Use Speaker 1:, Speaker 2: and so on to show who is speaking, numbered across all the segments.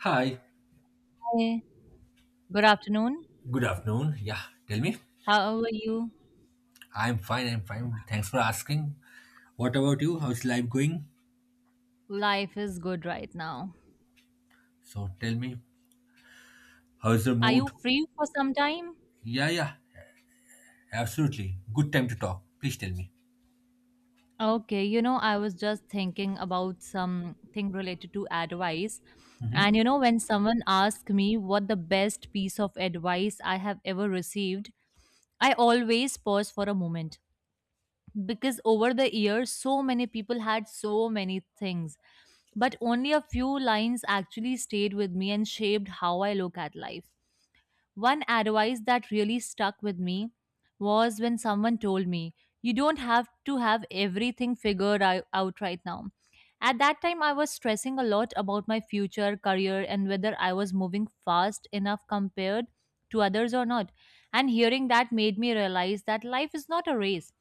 Speaker 1: Hi,
Speaker 2: Hey, good afternoon.
Speaker 1: good afternoon. Yeah, tell me.
Speaker 2: How are you?
Speaker 1: I'm fine, I'm fine. Thanks for asking. What about you? How's life going?
Speaker 2: Life is good right now.
Speaker 1: So tell me, how's the
Speaker 2: Are
Speaker 1: mood?
Speaker 2: you free for some time?
Speaker 1: Yeah, yeah, absolutely. Good time to talk. Please tell me.
Speaker 2: Okay, you know, I was just thinking about something related to advice.
Speaker 1: hmm
Speaker 2: And you know, when someone asks me what the best piece of advice I have ever received, I always pause for a moment because over the years, so many people had so many things. But only a few lines actually stayed with me and shaped how I look at life. One advice that really stuck with me was when someone told me, you don't have to have everything figured out right now. At that time, I was stressing a lot about my future, career, and whether I was moving fast enough compared to others or not. And hearing that made me realize that life is not a race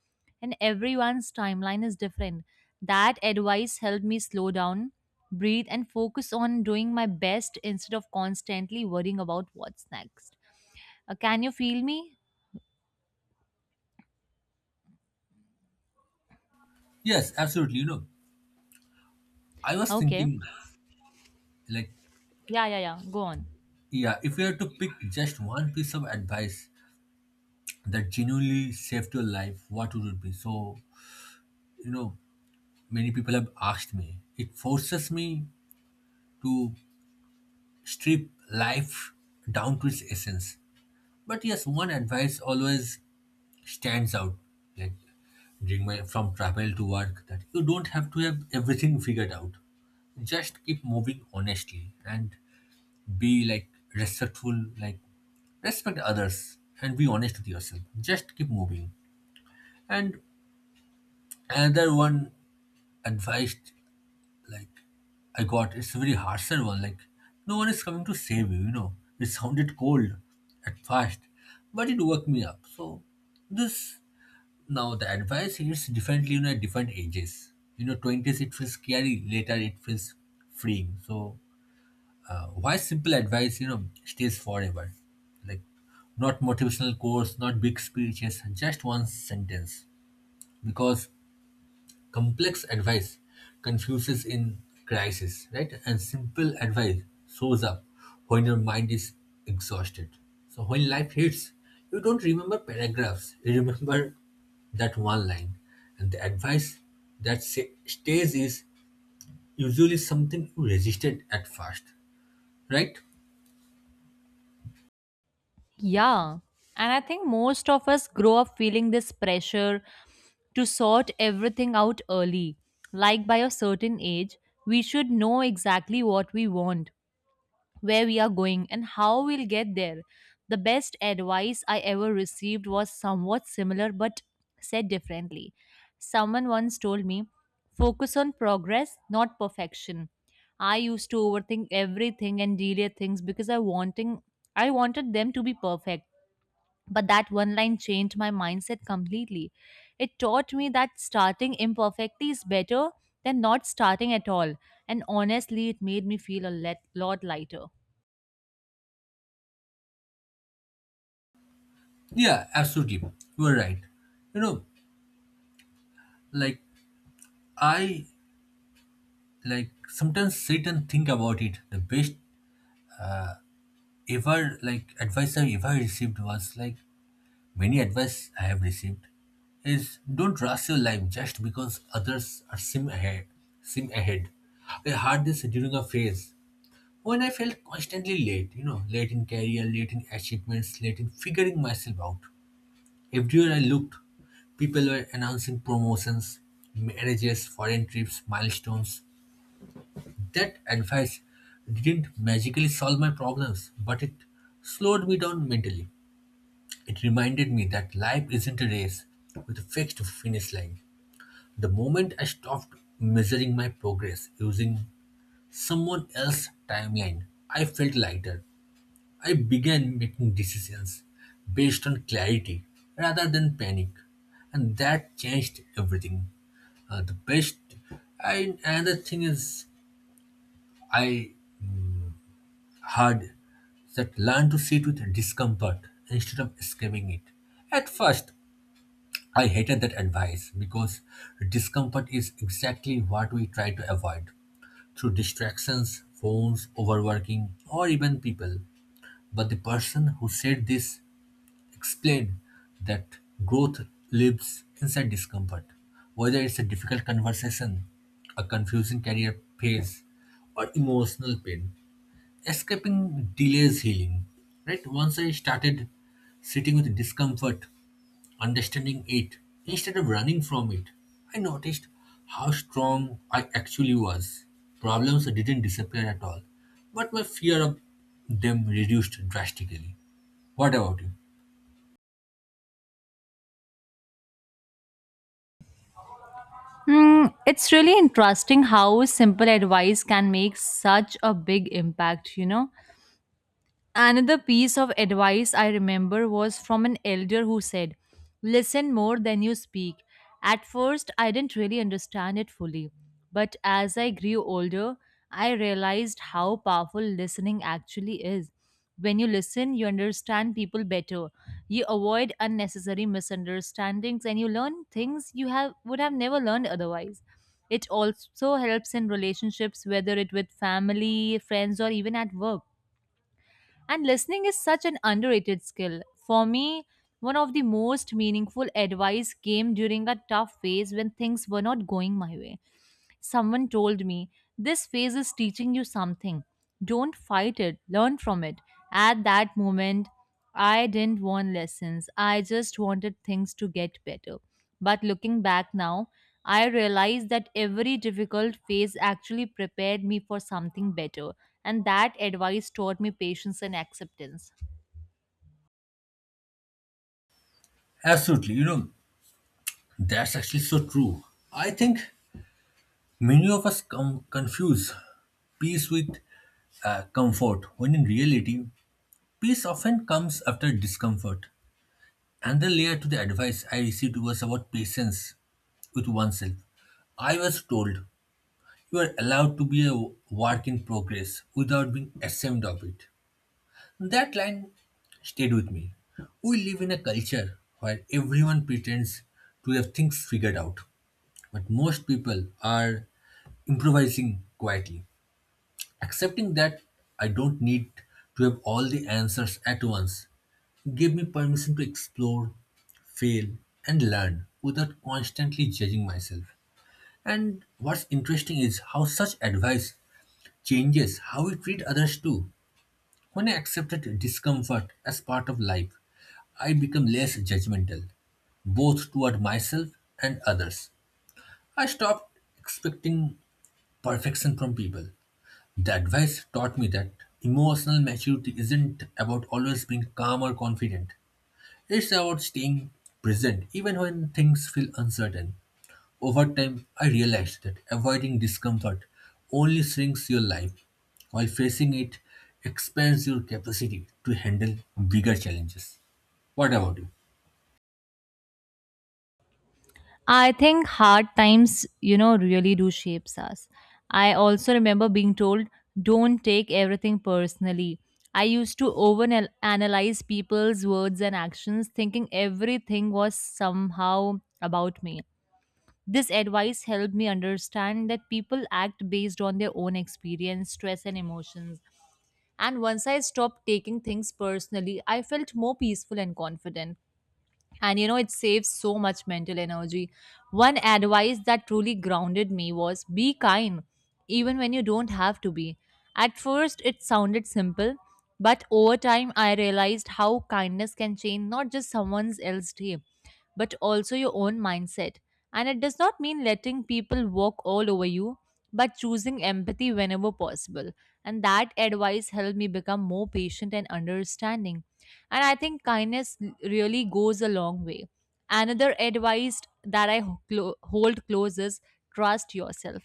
Speaker 2: and everyone's timeline is different. That advice helped me slow down, breathe, and focus on doing my best instead of constantly worrying about what's next. Can you feel me?
Speaker 1: Yes, absolutely. You know, I was
Speaker 2: Okay.
Speaker 1: thinking, like,
Speaker 2: Yeah, yeah, yeah. Go on.
Speaker 1: yeah, if you had to pick just one piece of advice that genuinely saved your life, what would it be? You know, many people have asked me. It forces me to strip life down to its essence. But yes, one advice always stands out, like during my from travel to work, that you don't have to have everything figured out. Just keep moving honestly and be like respectful, like respect others and be honest with yourself. Just keep moving. And another one advice, like I got, it's a very harsher one. Like no one is coming to save you. You know, it sounded cold at first, but it woke me up. So this now the advice hits differently, you know, at different ages. You know, twenties it feels scary. Later it feels freeing. So why simple advice, you know, stays forever? Like not motivational quotes, not big speeches, just one sentence. Because complex advice confuses in crisis, right? And simple advice shows up when your mind is exhausted. So when life hits, you don't remember paragraphs. You remember that one line. And the advice that stays is usually something you resisted at first, right?
Speaker 2: Yeah. And I think most of us grow up feeling this pressure to sort everything out early. Like by a certain age, we should know exactly what we want, where we are going and how we'll get there. The best advice I ever received was somewhat similar but said differently. Someone once told me, focus on progress, not perfection. I used to overthink everything and delay things because I wanted them to be perfect. But that one line changed my mindset completely. It taught me that starting imperfectly is better than not starting at all. And honestly, it made me feel a lot lighter.
Speaker 1: Yeah, absolutely. You are right. You know, like I like sometimes sit and think about it. The best ever like advice I ever received was like many advice I have received is don't rush your life just because others are seem ahead seem ahead. I had this during a phase when I felt constantly late, you know, late in career, late in achievements, late in figuring myself out. Everywhere I looked, people were announcing promotions, marriages, foreign trips, milestones. That advice didn't magically solve my problems, but it slowed me down mentally. It reminded me that life isn't a race with a fixed finish line. The moment I stopped measuring my progress using someone else's timeline, I felt lighter. I began making decisions based on clarity rather than panic, and that changed everything. The best, and another thing is, I heard that learn to sit with discomfort instead of escaping it. At first, I hated that advice because discomfort is exactly what we try to avoid through distractions, phones, overworking, or even people. But the person who said this explain that growth lives inside discomfort, whether it's a difficult conversation, a confusing career phase, or emotional pain. Escaping delays healing. Right? Once I started sitting with discomfort, understanding it, instead of running from it, I noticed how strong I actually was. Problems didn't disappear at all, but my fear of them reduced drastically. What about you?
Speaker 2: Mm, it's really interesting how simple advice can make such a big impact, you know. Another piece of advice I remember was from an elder who said, listen more than you speak. At first, I didn't really understand it fully, but as I grew older, I realized how powerful listening actually is. When you listen, you understand people better. You avoid unnecessary misunderstandings and you learn things you have would have never learned otherwise. It also helps in relationships, whether it with family, friends or even at work, and listening is such an underrated skill. For me, one of the most meaningful advice came during a tough phase when things were not going my way. Someone told me, this phase is teaching you something. Don't fight it, learn from it. At that moment, I didn't want lessons. I just wanted things to get better. But looking back now, I realize that every difficult phase actually prepared me for something better. And that advice taught me patience and acceptance.
Speaker 1: Absolutely. You know, that's actually so true. I think many of us confuse peace with comfort, when in reality, peace often comes after discomfort. Another layer to the advice I received was about patience with oneself. I was told you are allowed to be a work in progress without being ashamed of it. That line stayed with me. We live in a culture where everyone pretends to have things figured out. But most people are improvising quietly, accepting that I don't need to have all the answers at once. Give me permission to explore, fail, and learn without constantly judging myself. And what's interesting is how such advice changes how we treat others too. When I accepted discomfort as part of life, I become less judgmental, both toward myself and others. I stopped expecting perfection from people. The advice taught me that emotional maturity isn't about always being calm or confident. It's about staying present even when things feel uncertain. Over time, I realized that avoiding discomfort only shrinks your life, while facing it expands your capacity to handle bigger challenges. What about you?
Speaker 2: I think hard times, you know, really do shapes us. I also remember being told, don't take everything personally. I used to overanalyze people's words and actions, thinking everything was somehow about me. This advice helped me understand that people act based on their own experience, stress, and emotions. And once I stopped taking things personally, I felt more peaceful and confident, and you know it saves so much mental energy. One advice that truly grounded me was be kind even when you don't have to be. At first it sounded simple, but over time I realized how kindness can change not just someone's else day, but also your own mindset. And it does not mean letting people walk all over you, but choosing empathy whenever possible. And that advice helped me become more patient and understanding. And I think kindness really goes a long way. Another advice that I hold close is trust yourself.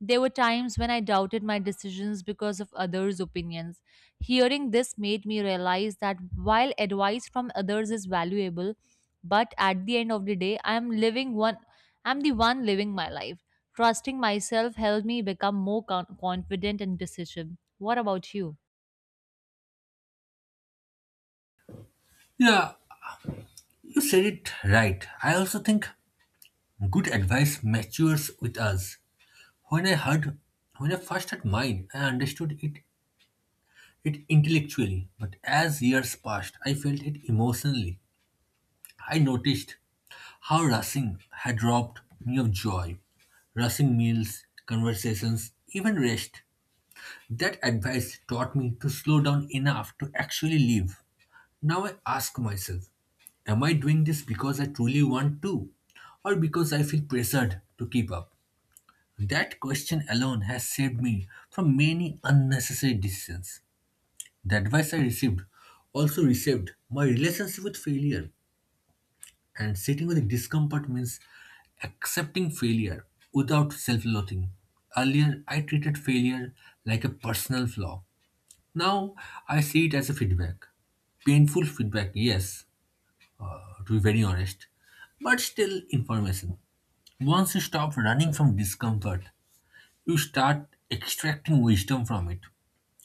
Speaker 2: There were times when I doubted my decisions because of others' opinions. Hearing this made me realize that while advice from others is valuable, but at the end of the day, I'm the one living my life. Trusting myself helped me become more confident and decisive. What about you?
Speaker 1: Yeah, you said it right. I also think good advice matures with us. When I heard, when I first had mine, I understood it, it intellectually, but as years passed, I felt it emotionally. I noticed how racing had robbed me of joy. Racing meals, conversations, even rest. That advice taught me to slow down enough to actually live. Now I ask myself, am I doing this because I truly want to, or because I feel pressured to keep up? That question alone has saved me from many unnecessary decisions. The advice I received also reshaped my relationship with failure, and sitting with discomfort means accepting failure without self loathing. Earlier, I treated failure like a personal flaw. Now, I see it as a feedback. Painful feedback, yes, to be very honest, but still information. Once you stop running from discomfort, you start extracting wisdom from it.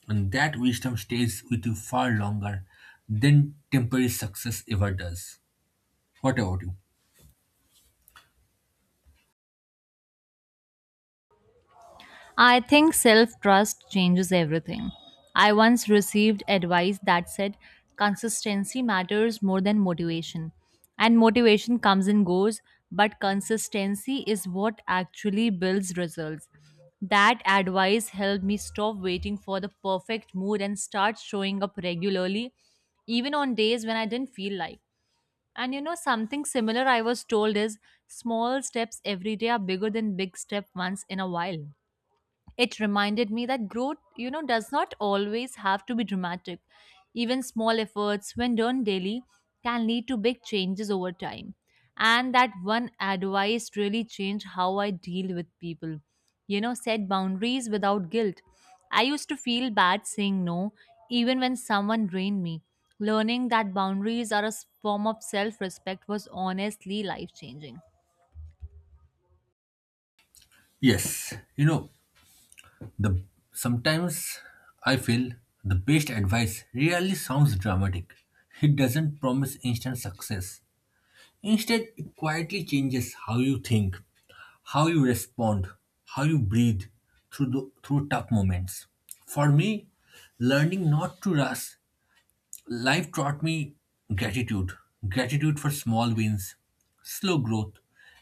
Speaker 1: And that wisdom stays with you far longer than temporary success ever does. What about you?
Speaker 2: I think self trust changes everything. I once received advice that said consistency matters more than motivation. And motivation comes and goes, but consistency is what actually builds results. That advice helped me stop waiting for the perfect mood and start showing up regularly, even on days when I didn't feel like. And you know, something similar I was told is small steps every day are bigger than big step once in a while. It reminded me that growth, you know, does not always have to be dramatic. Even small efforts, when done daily, can lead to big changes over time. And that one advice really changed how I deal with people. You know, set boundaries without guilt. I used to feel bad saying no, even when someone drained me. Learning that boundaries are a form of self respect was honestly life changing.
Speaker 1: Yes, you know, the sometimes I feel the best advice really sounds dramatic. It doesn't promise instant success. Instead, it quietly changes how you think, how you respond, how you breathe through tough moments. For me, learning not to rush life taught me gratitude, gratitude for small wins, slow growth,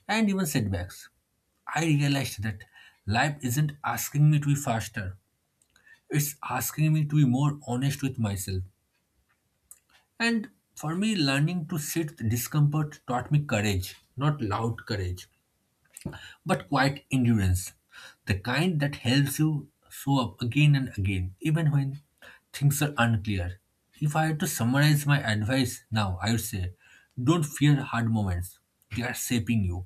Speaker 1: and even setbacks. I realized that life isn't asking me to be faster, it's asking me to be more honest with myself. And for me, learning to sit with discomfort taught me courage, not loud courage, but quiet endurance, the kind that helps you show up again and again, even when things are unclear. If I had to summarize my advice now, I would say don't fear hard moments, they are shaping you.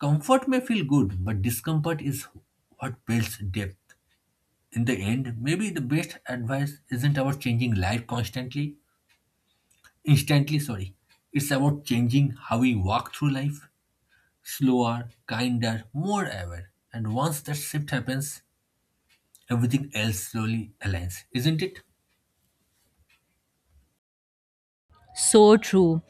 Speaker 1: Comfort may feel good, but discomfort is what builds depth. In the end, maybe the best advice isn't about changing life constantly, instantly, sorry. It's about changing how we walk through life. Slower, kinder, more aware. And once that shift happens, everything else slowly aligns, isn't it?
Speaker 2: So true.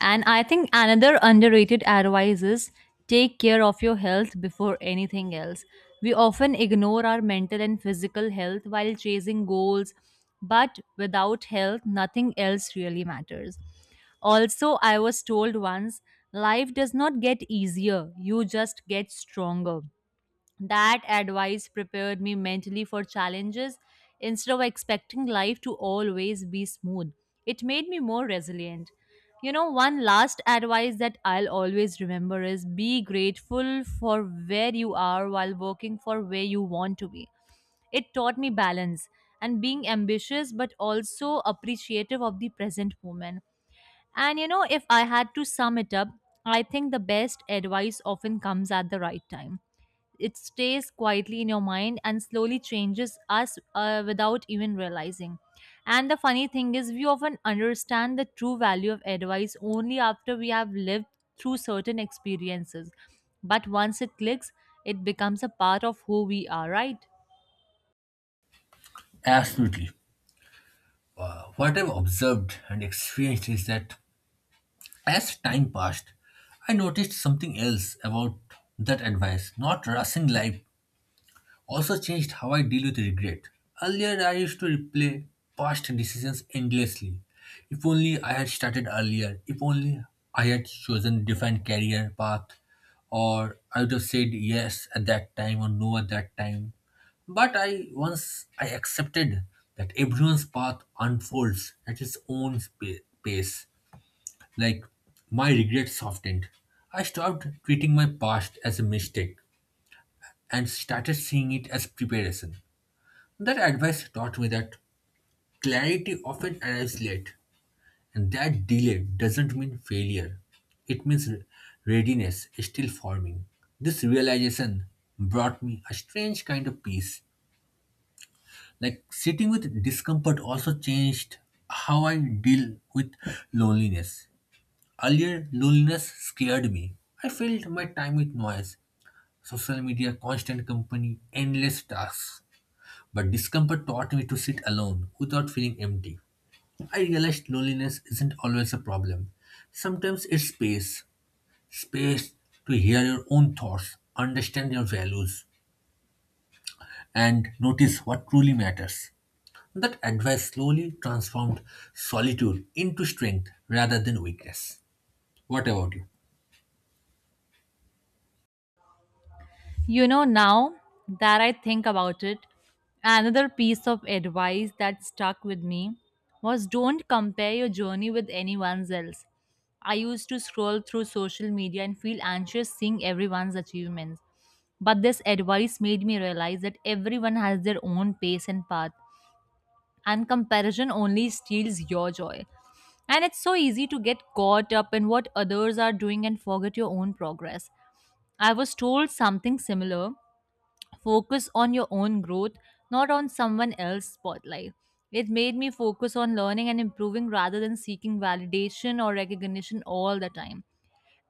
Speaker 2: And I think another underrated advice is take care of your health before anything else. We often ignore our mental and physical health while chasing goals, but without health, nothing else really matters. Also, I was told once life does not get easier, you just get stronger. That advice prepared me mentally for challenges instead of expecting life to always be smooth. It made me more resilient. You know, one last advice that I'll always remember is be grateful for where you are while working for where you want to be. It taught me balance and being ambitious but also appreciative of the present moment. And you know, if I had to sum it up, I think the best advice often comes at the right time. It stays quietly in your mind and slowly changes us without even realizing. And the funny thing is, we often understand the true value of advice only after we have lived through certain experiences. But once it clicks, it becomes a part of who we are, right?
Speaker 1: Absolutely. What I've observed and experienced is that as time passed, I noticed something else about that advice not rushing life also changed how I deal with regret. Earlier, I used to replay past decisions endlessly. If only I had started earlier, if only I had chosen different career path, or I would have said yes at that time or no at that time. But I once I accepted that everyone's path unfolds at its own pace. Like my regret softened. I stopped treating my past as a mistake and started seeing it as preparation. That advice taught me that clarity often arrives late, and that delay doesn't mean failure. It means readiness is still forming. This realization brought me a strange kind of peace. Like sitting with discomfort also changed how I deal with loneliness. Earlier, loneliness scared me. I filled my time with noise, social media, constant company, endless tasks. But discomfort taught me to sit alone without feeling empty. I realized loneliness isn't always a problem. Sometimes it's space. Space to hear your own thoughts, understand your values, and notice what truly matters. That advice slowly transformed solitude into strength rather than weakness. What about you?
Speaker 2: You know, now that I think about it, another piece of advice that stuck with me was don't compare your journey with anyone's else. I used to scroll through social media and feel anxious seeing everyone's achievements. But this advice made me realize that everyone has their own pace and path, and comparison only steals your joy. And it's so easy to get caught up in what others are doing and forget your own progress. I was told something similar, focus on your own growth, not on someone else's spotlight. It made me focus on learning and improving rather than seeking validation or recognition all the time.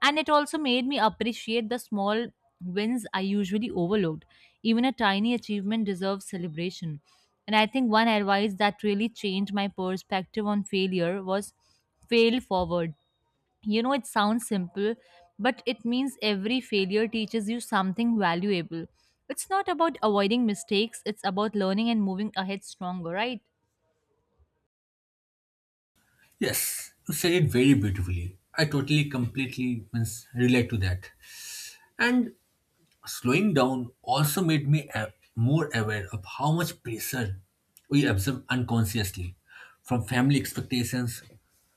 Speaker 2: And it also made me appreciate the small wins I usually overlooked. Even a tiny achievement deserves celebration. And I think one advice that really changed my perspective on failure was fail forward. You know, it sounds simple, but it means every failure teaches you something valuable. It's not about avoiding mistakes, it's about learning and moving ahead stronger, right?
Speaker 1: Yes, you said it very beautifully. I totally, completely means, relate to that. And slowing down also made me more aware of how much pressure we absorb unconsciously from family expectations,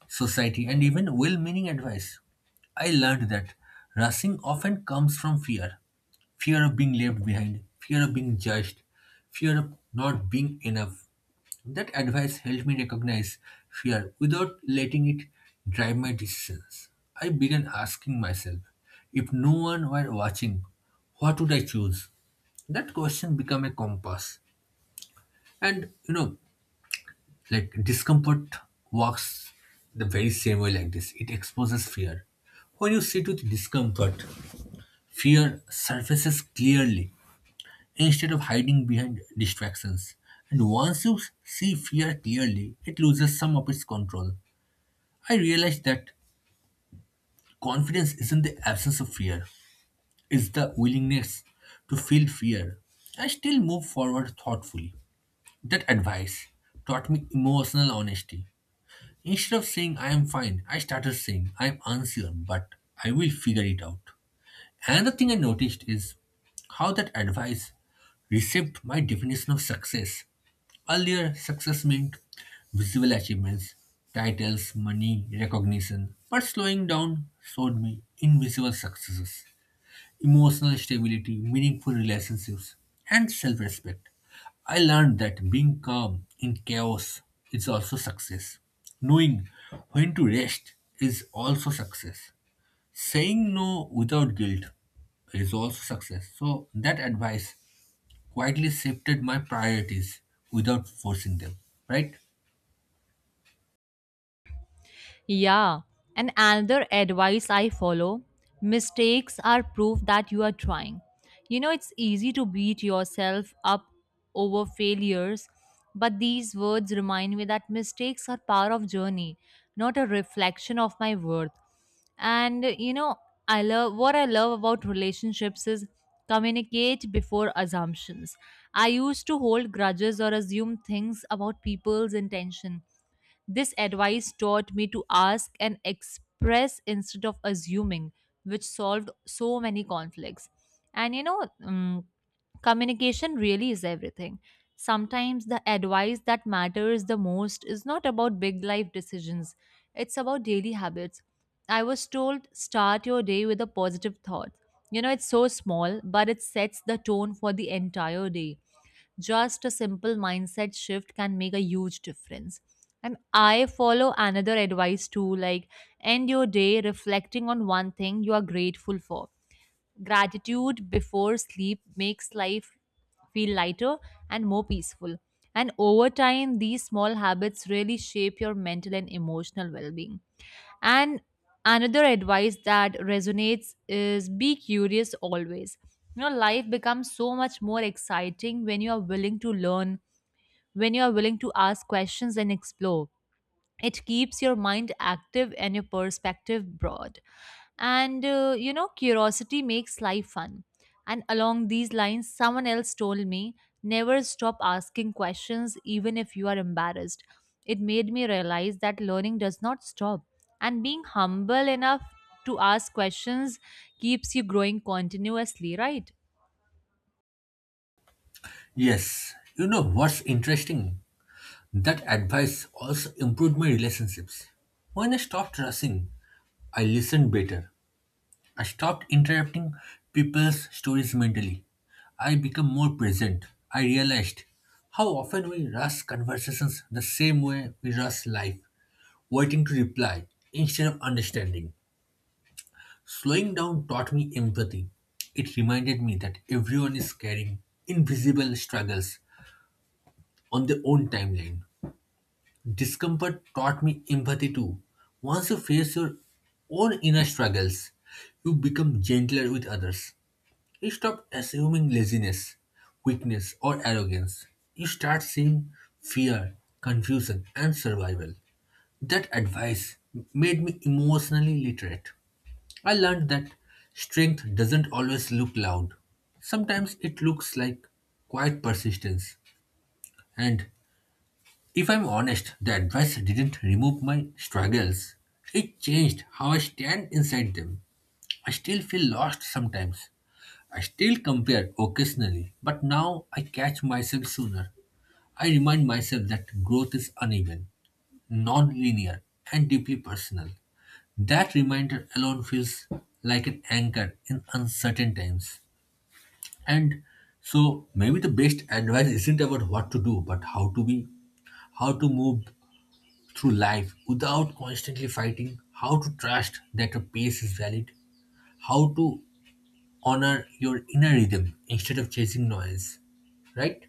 Speaker 1: society, and even well meaning advice. I learned that rushing often comes from fear fear of being left behind, fear of being judged, fear of not being enough. That advice helped me recognize fear without letting it drive my decisions. I began asking myself, if no one were watching, what would I choose? That question became a compass. And you know, like discomfort works the very same way like this. It exposes fear. When you sit with discomfort, fear surfaces clearly instead of hiding behind distractions. And once you see fear clearly, it loses some of its control. I realized that confidence isn't the absence of fear, it's the willingness to feel fear. I still move forward thoughtfully. That advice taught me emotional honesty. Instead of saying I am fine, I started saying I am unsure, but I will figure it out. Another thing I noticed is how that advice reshaped my definition of success. Earlier, success meant visible achievements, titles, money, recognition. But slowing down showed me invisible successes, emotional stability, meaningful relationships, and self respect. I learned that being calm in chaos is also success. Knowing when to rest is also success. Saying no without guilt is also success. So, that advice quietly shifted my priorities without forcing them, right?
Speaker 2: Yeah, and another advice I follow, mistakes are proof that you are trying. You know, it's easy to beat yourself up over failures, but these words remind me that mistakes are part of journey, not a reflection of my worth. And you know, I love what I love about relationships is communicate before assumptions. I used to hold grudges or assume things about people's intention. This advice taught me to ask and express instead of assuming, which solved so many conflicts. And you know, communication really is everything. Sometimes the advice that matters the most is not about big life decisions, it's about daily habits. I was told start your day with a positive thought. You know, it's so small, but it sets the tone for the entire day. Just a simple mindset shift can make a huge difference. And I follow another advice too, like end your day reflecting on one thing you are grateful for. Gratitude before sleep makes life feel lighter and more peaceful. And over time, these small habits really shape your mental and emotional well being. And another advice that resonates is be curious always. You know, life becomes so much more exciting when you are willing to learn, when you are willing to ask questions and explore. It keeps your mind active and your perspective broad, and you know, curiosity makes life fun. And along these lines someone else told me, never stop asking questions even if you are embarrassed. It made me realize that learning does not stop, and being humble enough to ask questions keeps you growing continuously, right?
Speaker 1: Yes, you know what's interesting? That advice also improved my relationships. When I stopped rushing, I listened better. I stopped interrupting people's stories mentally. I became more present. I realized how often we rush conversations the same way we rush life, waiting to reply instead of understanding. Slowing down taught me empathy. It reminded me that everyone is carrying invisible struggles on their own timeline. Discomfort taught me empathy too. Once you face your own inner struggles, you become gentler with others. You stop assuming laziness, weakness, or arrogance. You start seeing fear, confusion, and survival. That advice made me emotionally literate. I learned that strength doesn't always look loud. Sometimes it looks like quiet persistence, and if I'm honest, the advice didn't remove my struggles. It changed how I stand inside them. I still feel lost sometimes. I still compare occasionally, but now I catch myself sooner. I remind myself that growth is uneven, non linear, and deeply personal. That reminder alone feels like an anchor in uncertain times. And so maybe the best advice isn't about what to do, but how to be, how to move through life without constantly fighting, how to trust that your pace is valid, how to honor your inner rhythm instead of chasing noise, right?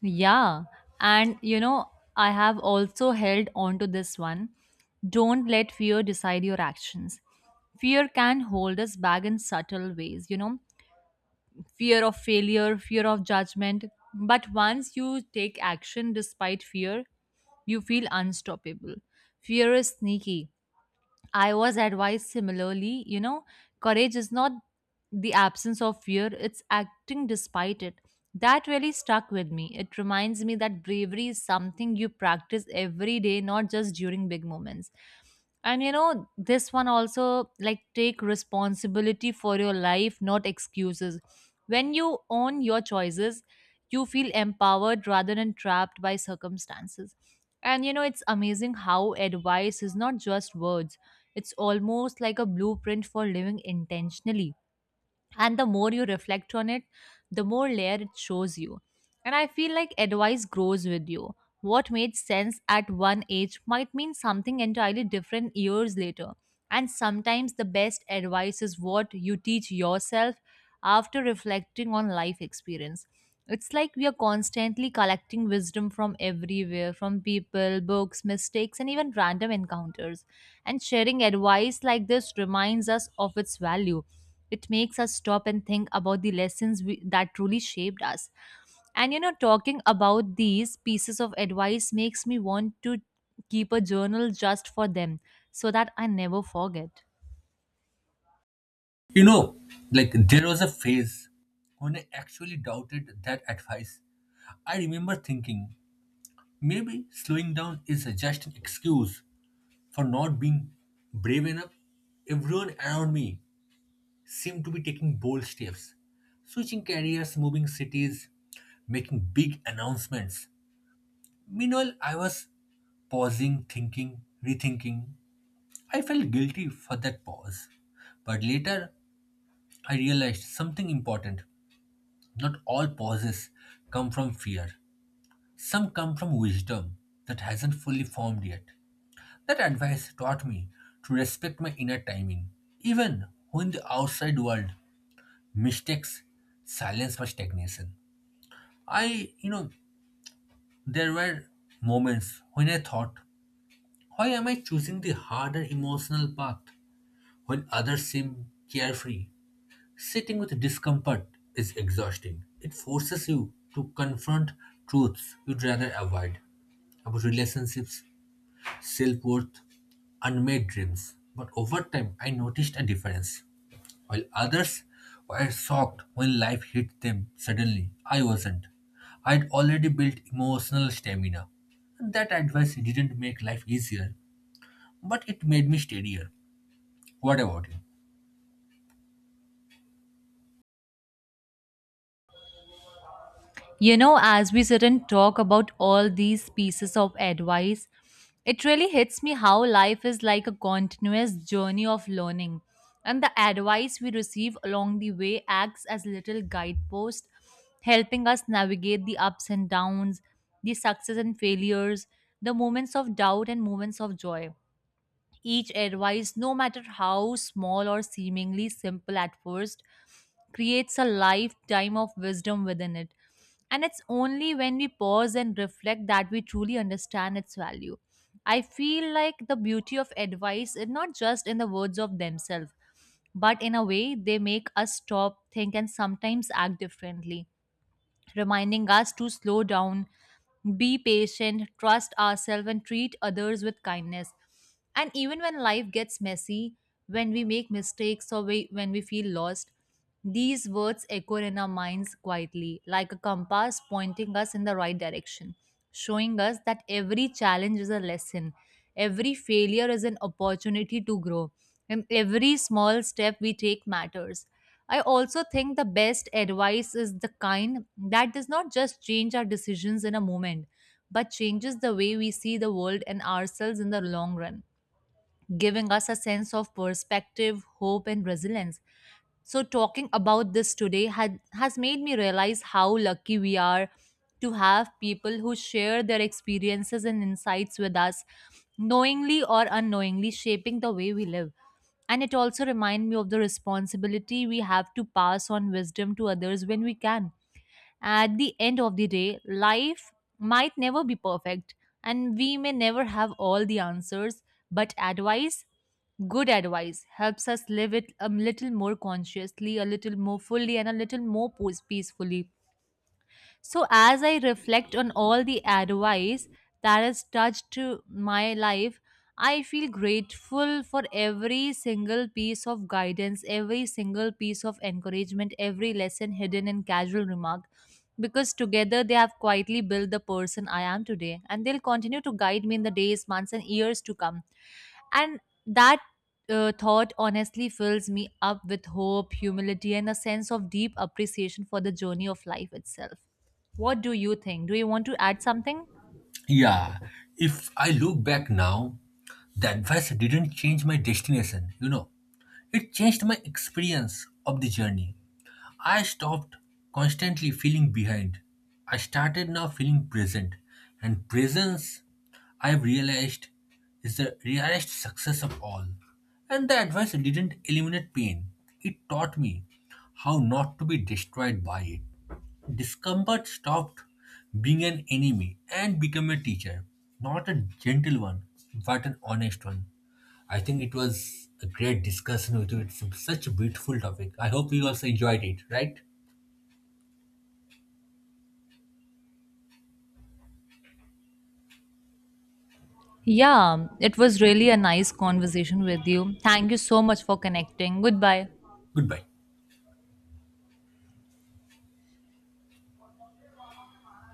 Speaker 2: Yeah, and you know, I have also held on to this one. Don't let fear decide your actions. Fear can hold us back in subtle ways, you know, fear of failure, fear of judgment. But once you take action despite fear, you feel unstoppable. Fear is sneaky. I was advised similarly, you know, courage is not the absence of fear, it's acting despite it. That really stuck with me. It reminds me that bravery is something you practice every day, not just during big moments. And you know, this one also, like, take responsibility for your life, not excuses. When you own your choices, you feel empowered rather than trapped by circumstances. And you know, it's amazing how advice is not just words, it's almost like a blueprint for living intentionally, and the more you reflect on it, the more layer it shows you. And I feel like advice grows with you. What made sense at one age might mean something entirely different years later, and sometimes the best advice is what you teach yourself after reflecting on life experience. It's like we are constantly collecting wisdom from everywhere, from people, books, mistakes, and even random encounters, and sharing advice like this reminds us of its value. It makes us stop and think about the lessons that truly shaped us. And you know, talking about these pieces of advice makes me want to keep a journal just for them so that I never forget.
Speaker 1: You know, like there was a phase when I actually doubted that advice. I remember thinking maybe slowing down is just an excuse for not being brave enough. Everyone around me seemed to be taking bold steps switching careers, moving cities, making big announcements. Meanwhile, I was pausing, thinking, rethinking. I felt guilty for that pause. But later, I realized something important. Not all pauses come from fear, some come from wisdom that hasn't fully formed yet. That advice taught me to respect my inner timing, even when the outside world mistakes silence for stagnation. I, you know, there were moments when I thought, why am I choosing the harder emotional path? When others seem carefree. Sitting with discomfort is exhausting. It forces you to confront truths you'd rather avoid about relationships, self worth, unmade dreams. But over time, I noticed a difference. While others were shocked when life hit them suddenly, I wasn't. I'd already built emotional stamina. That advice didn't make life easier, but it made me steadier. What about you?
Speaker 2: You know, as we sit and talk about all these pieces of advice, it really hits me how life is like a continuous journey of learning. And the advice we receive along the way acts as little guideposts, helping us navigate the ups and downs, the success and failures, the moments of doubt and moments of joy. Each advice, no matter how small or seemingly simple at first, creates a lifetime of wisdom within it. And it's only when we pause and reflect that we truly understand its value. I feel like the beauty of advice is not just in the words of themselves, but in a way they make us stop, think, and sometimes act differently, reminding us to slow down, be patient, trust ourselves, and treat others with kindness. And even when life gets messy, when we make mistakes when we feel lost, these words echo in our minds quietly, like a compass pointing us in the right direction, showing us that every challenge is a lesson, every failure is an opportunity to grow, and every small step we take matters. I also think the best advice is the kind that does not just change our decisions in a moment, but changes the way we see the world and ourselves in the long run, giving us a sense of perspective, hope, and resilience. So, talking about this today has made me realize how lucky we are to have people who share their experiences and insights with us, knowingly or unknowingly shaping the way we live. And it also reminds me of the responsibility we have to pass on wisdom to others when we can. At the end of the day, life might never be perfect, and we may never have all the answers, but advice, good advice, helps us live it a little more consciously, a little more fully, and a little more peacefully. So, as I reflect on all the advice that has touched to my life, I feel grateful for every single piece of guidance, every single piece of encouragement, every lesson hidden in casual remark, because together they have quietly built the person I am today, and they'll continue to guide me in the days, months, and years to come. And that thought honestly fills me up with hope, humility, and a sense of deep appreciation for the journey of life itself. What do you think? Do you want to add something?
Speaker 1: Yeah, if I look back now, the advice didn't change my destination, you know. It changed my experience of the journey. I stopped constantly feeling behind. I started now feeling present. And presence, I've realized, is the rarest success of all. And the advice didn't eliminate pain, it taught me how not to be destroyed by it. Discomfort stopped being an enemy and became a teacher. Not a gentle one, but an honest one. I think it was a great discussion with you. It's such a beautiful topic. I hope you also enjoyed it, right?
Speaker 2: Yeah, it was really a nice conversation with you. Thank you so much for connecting. Goodbye.
Speaker 1: Goodbye.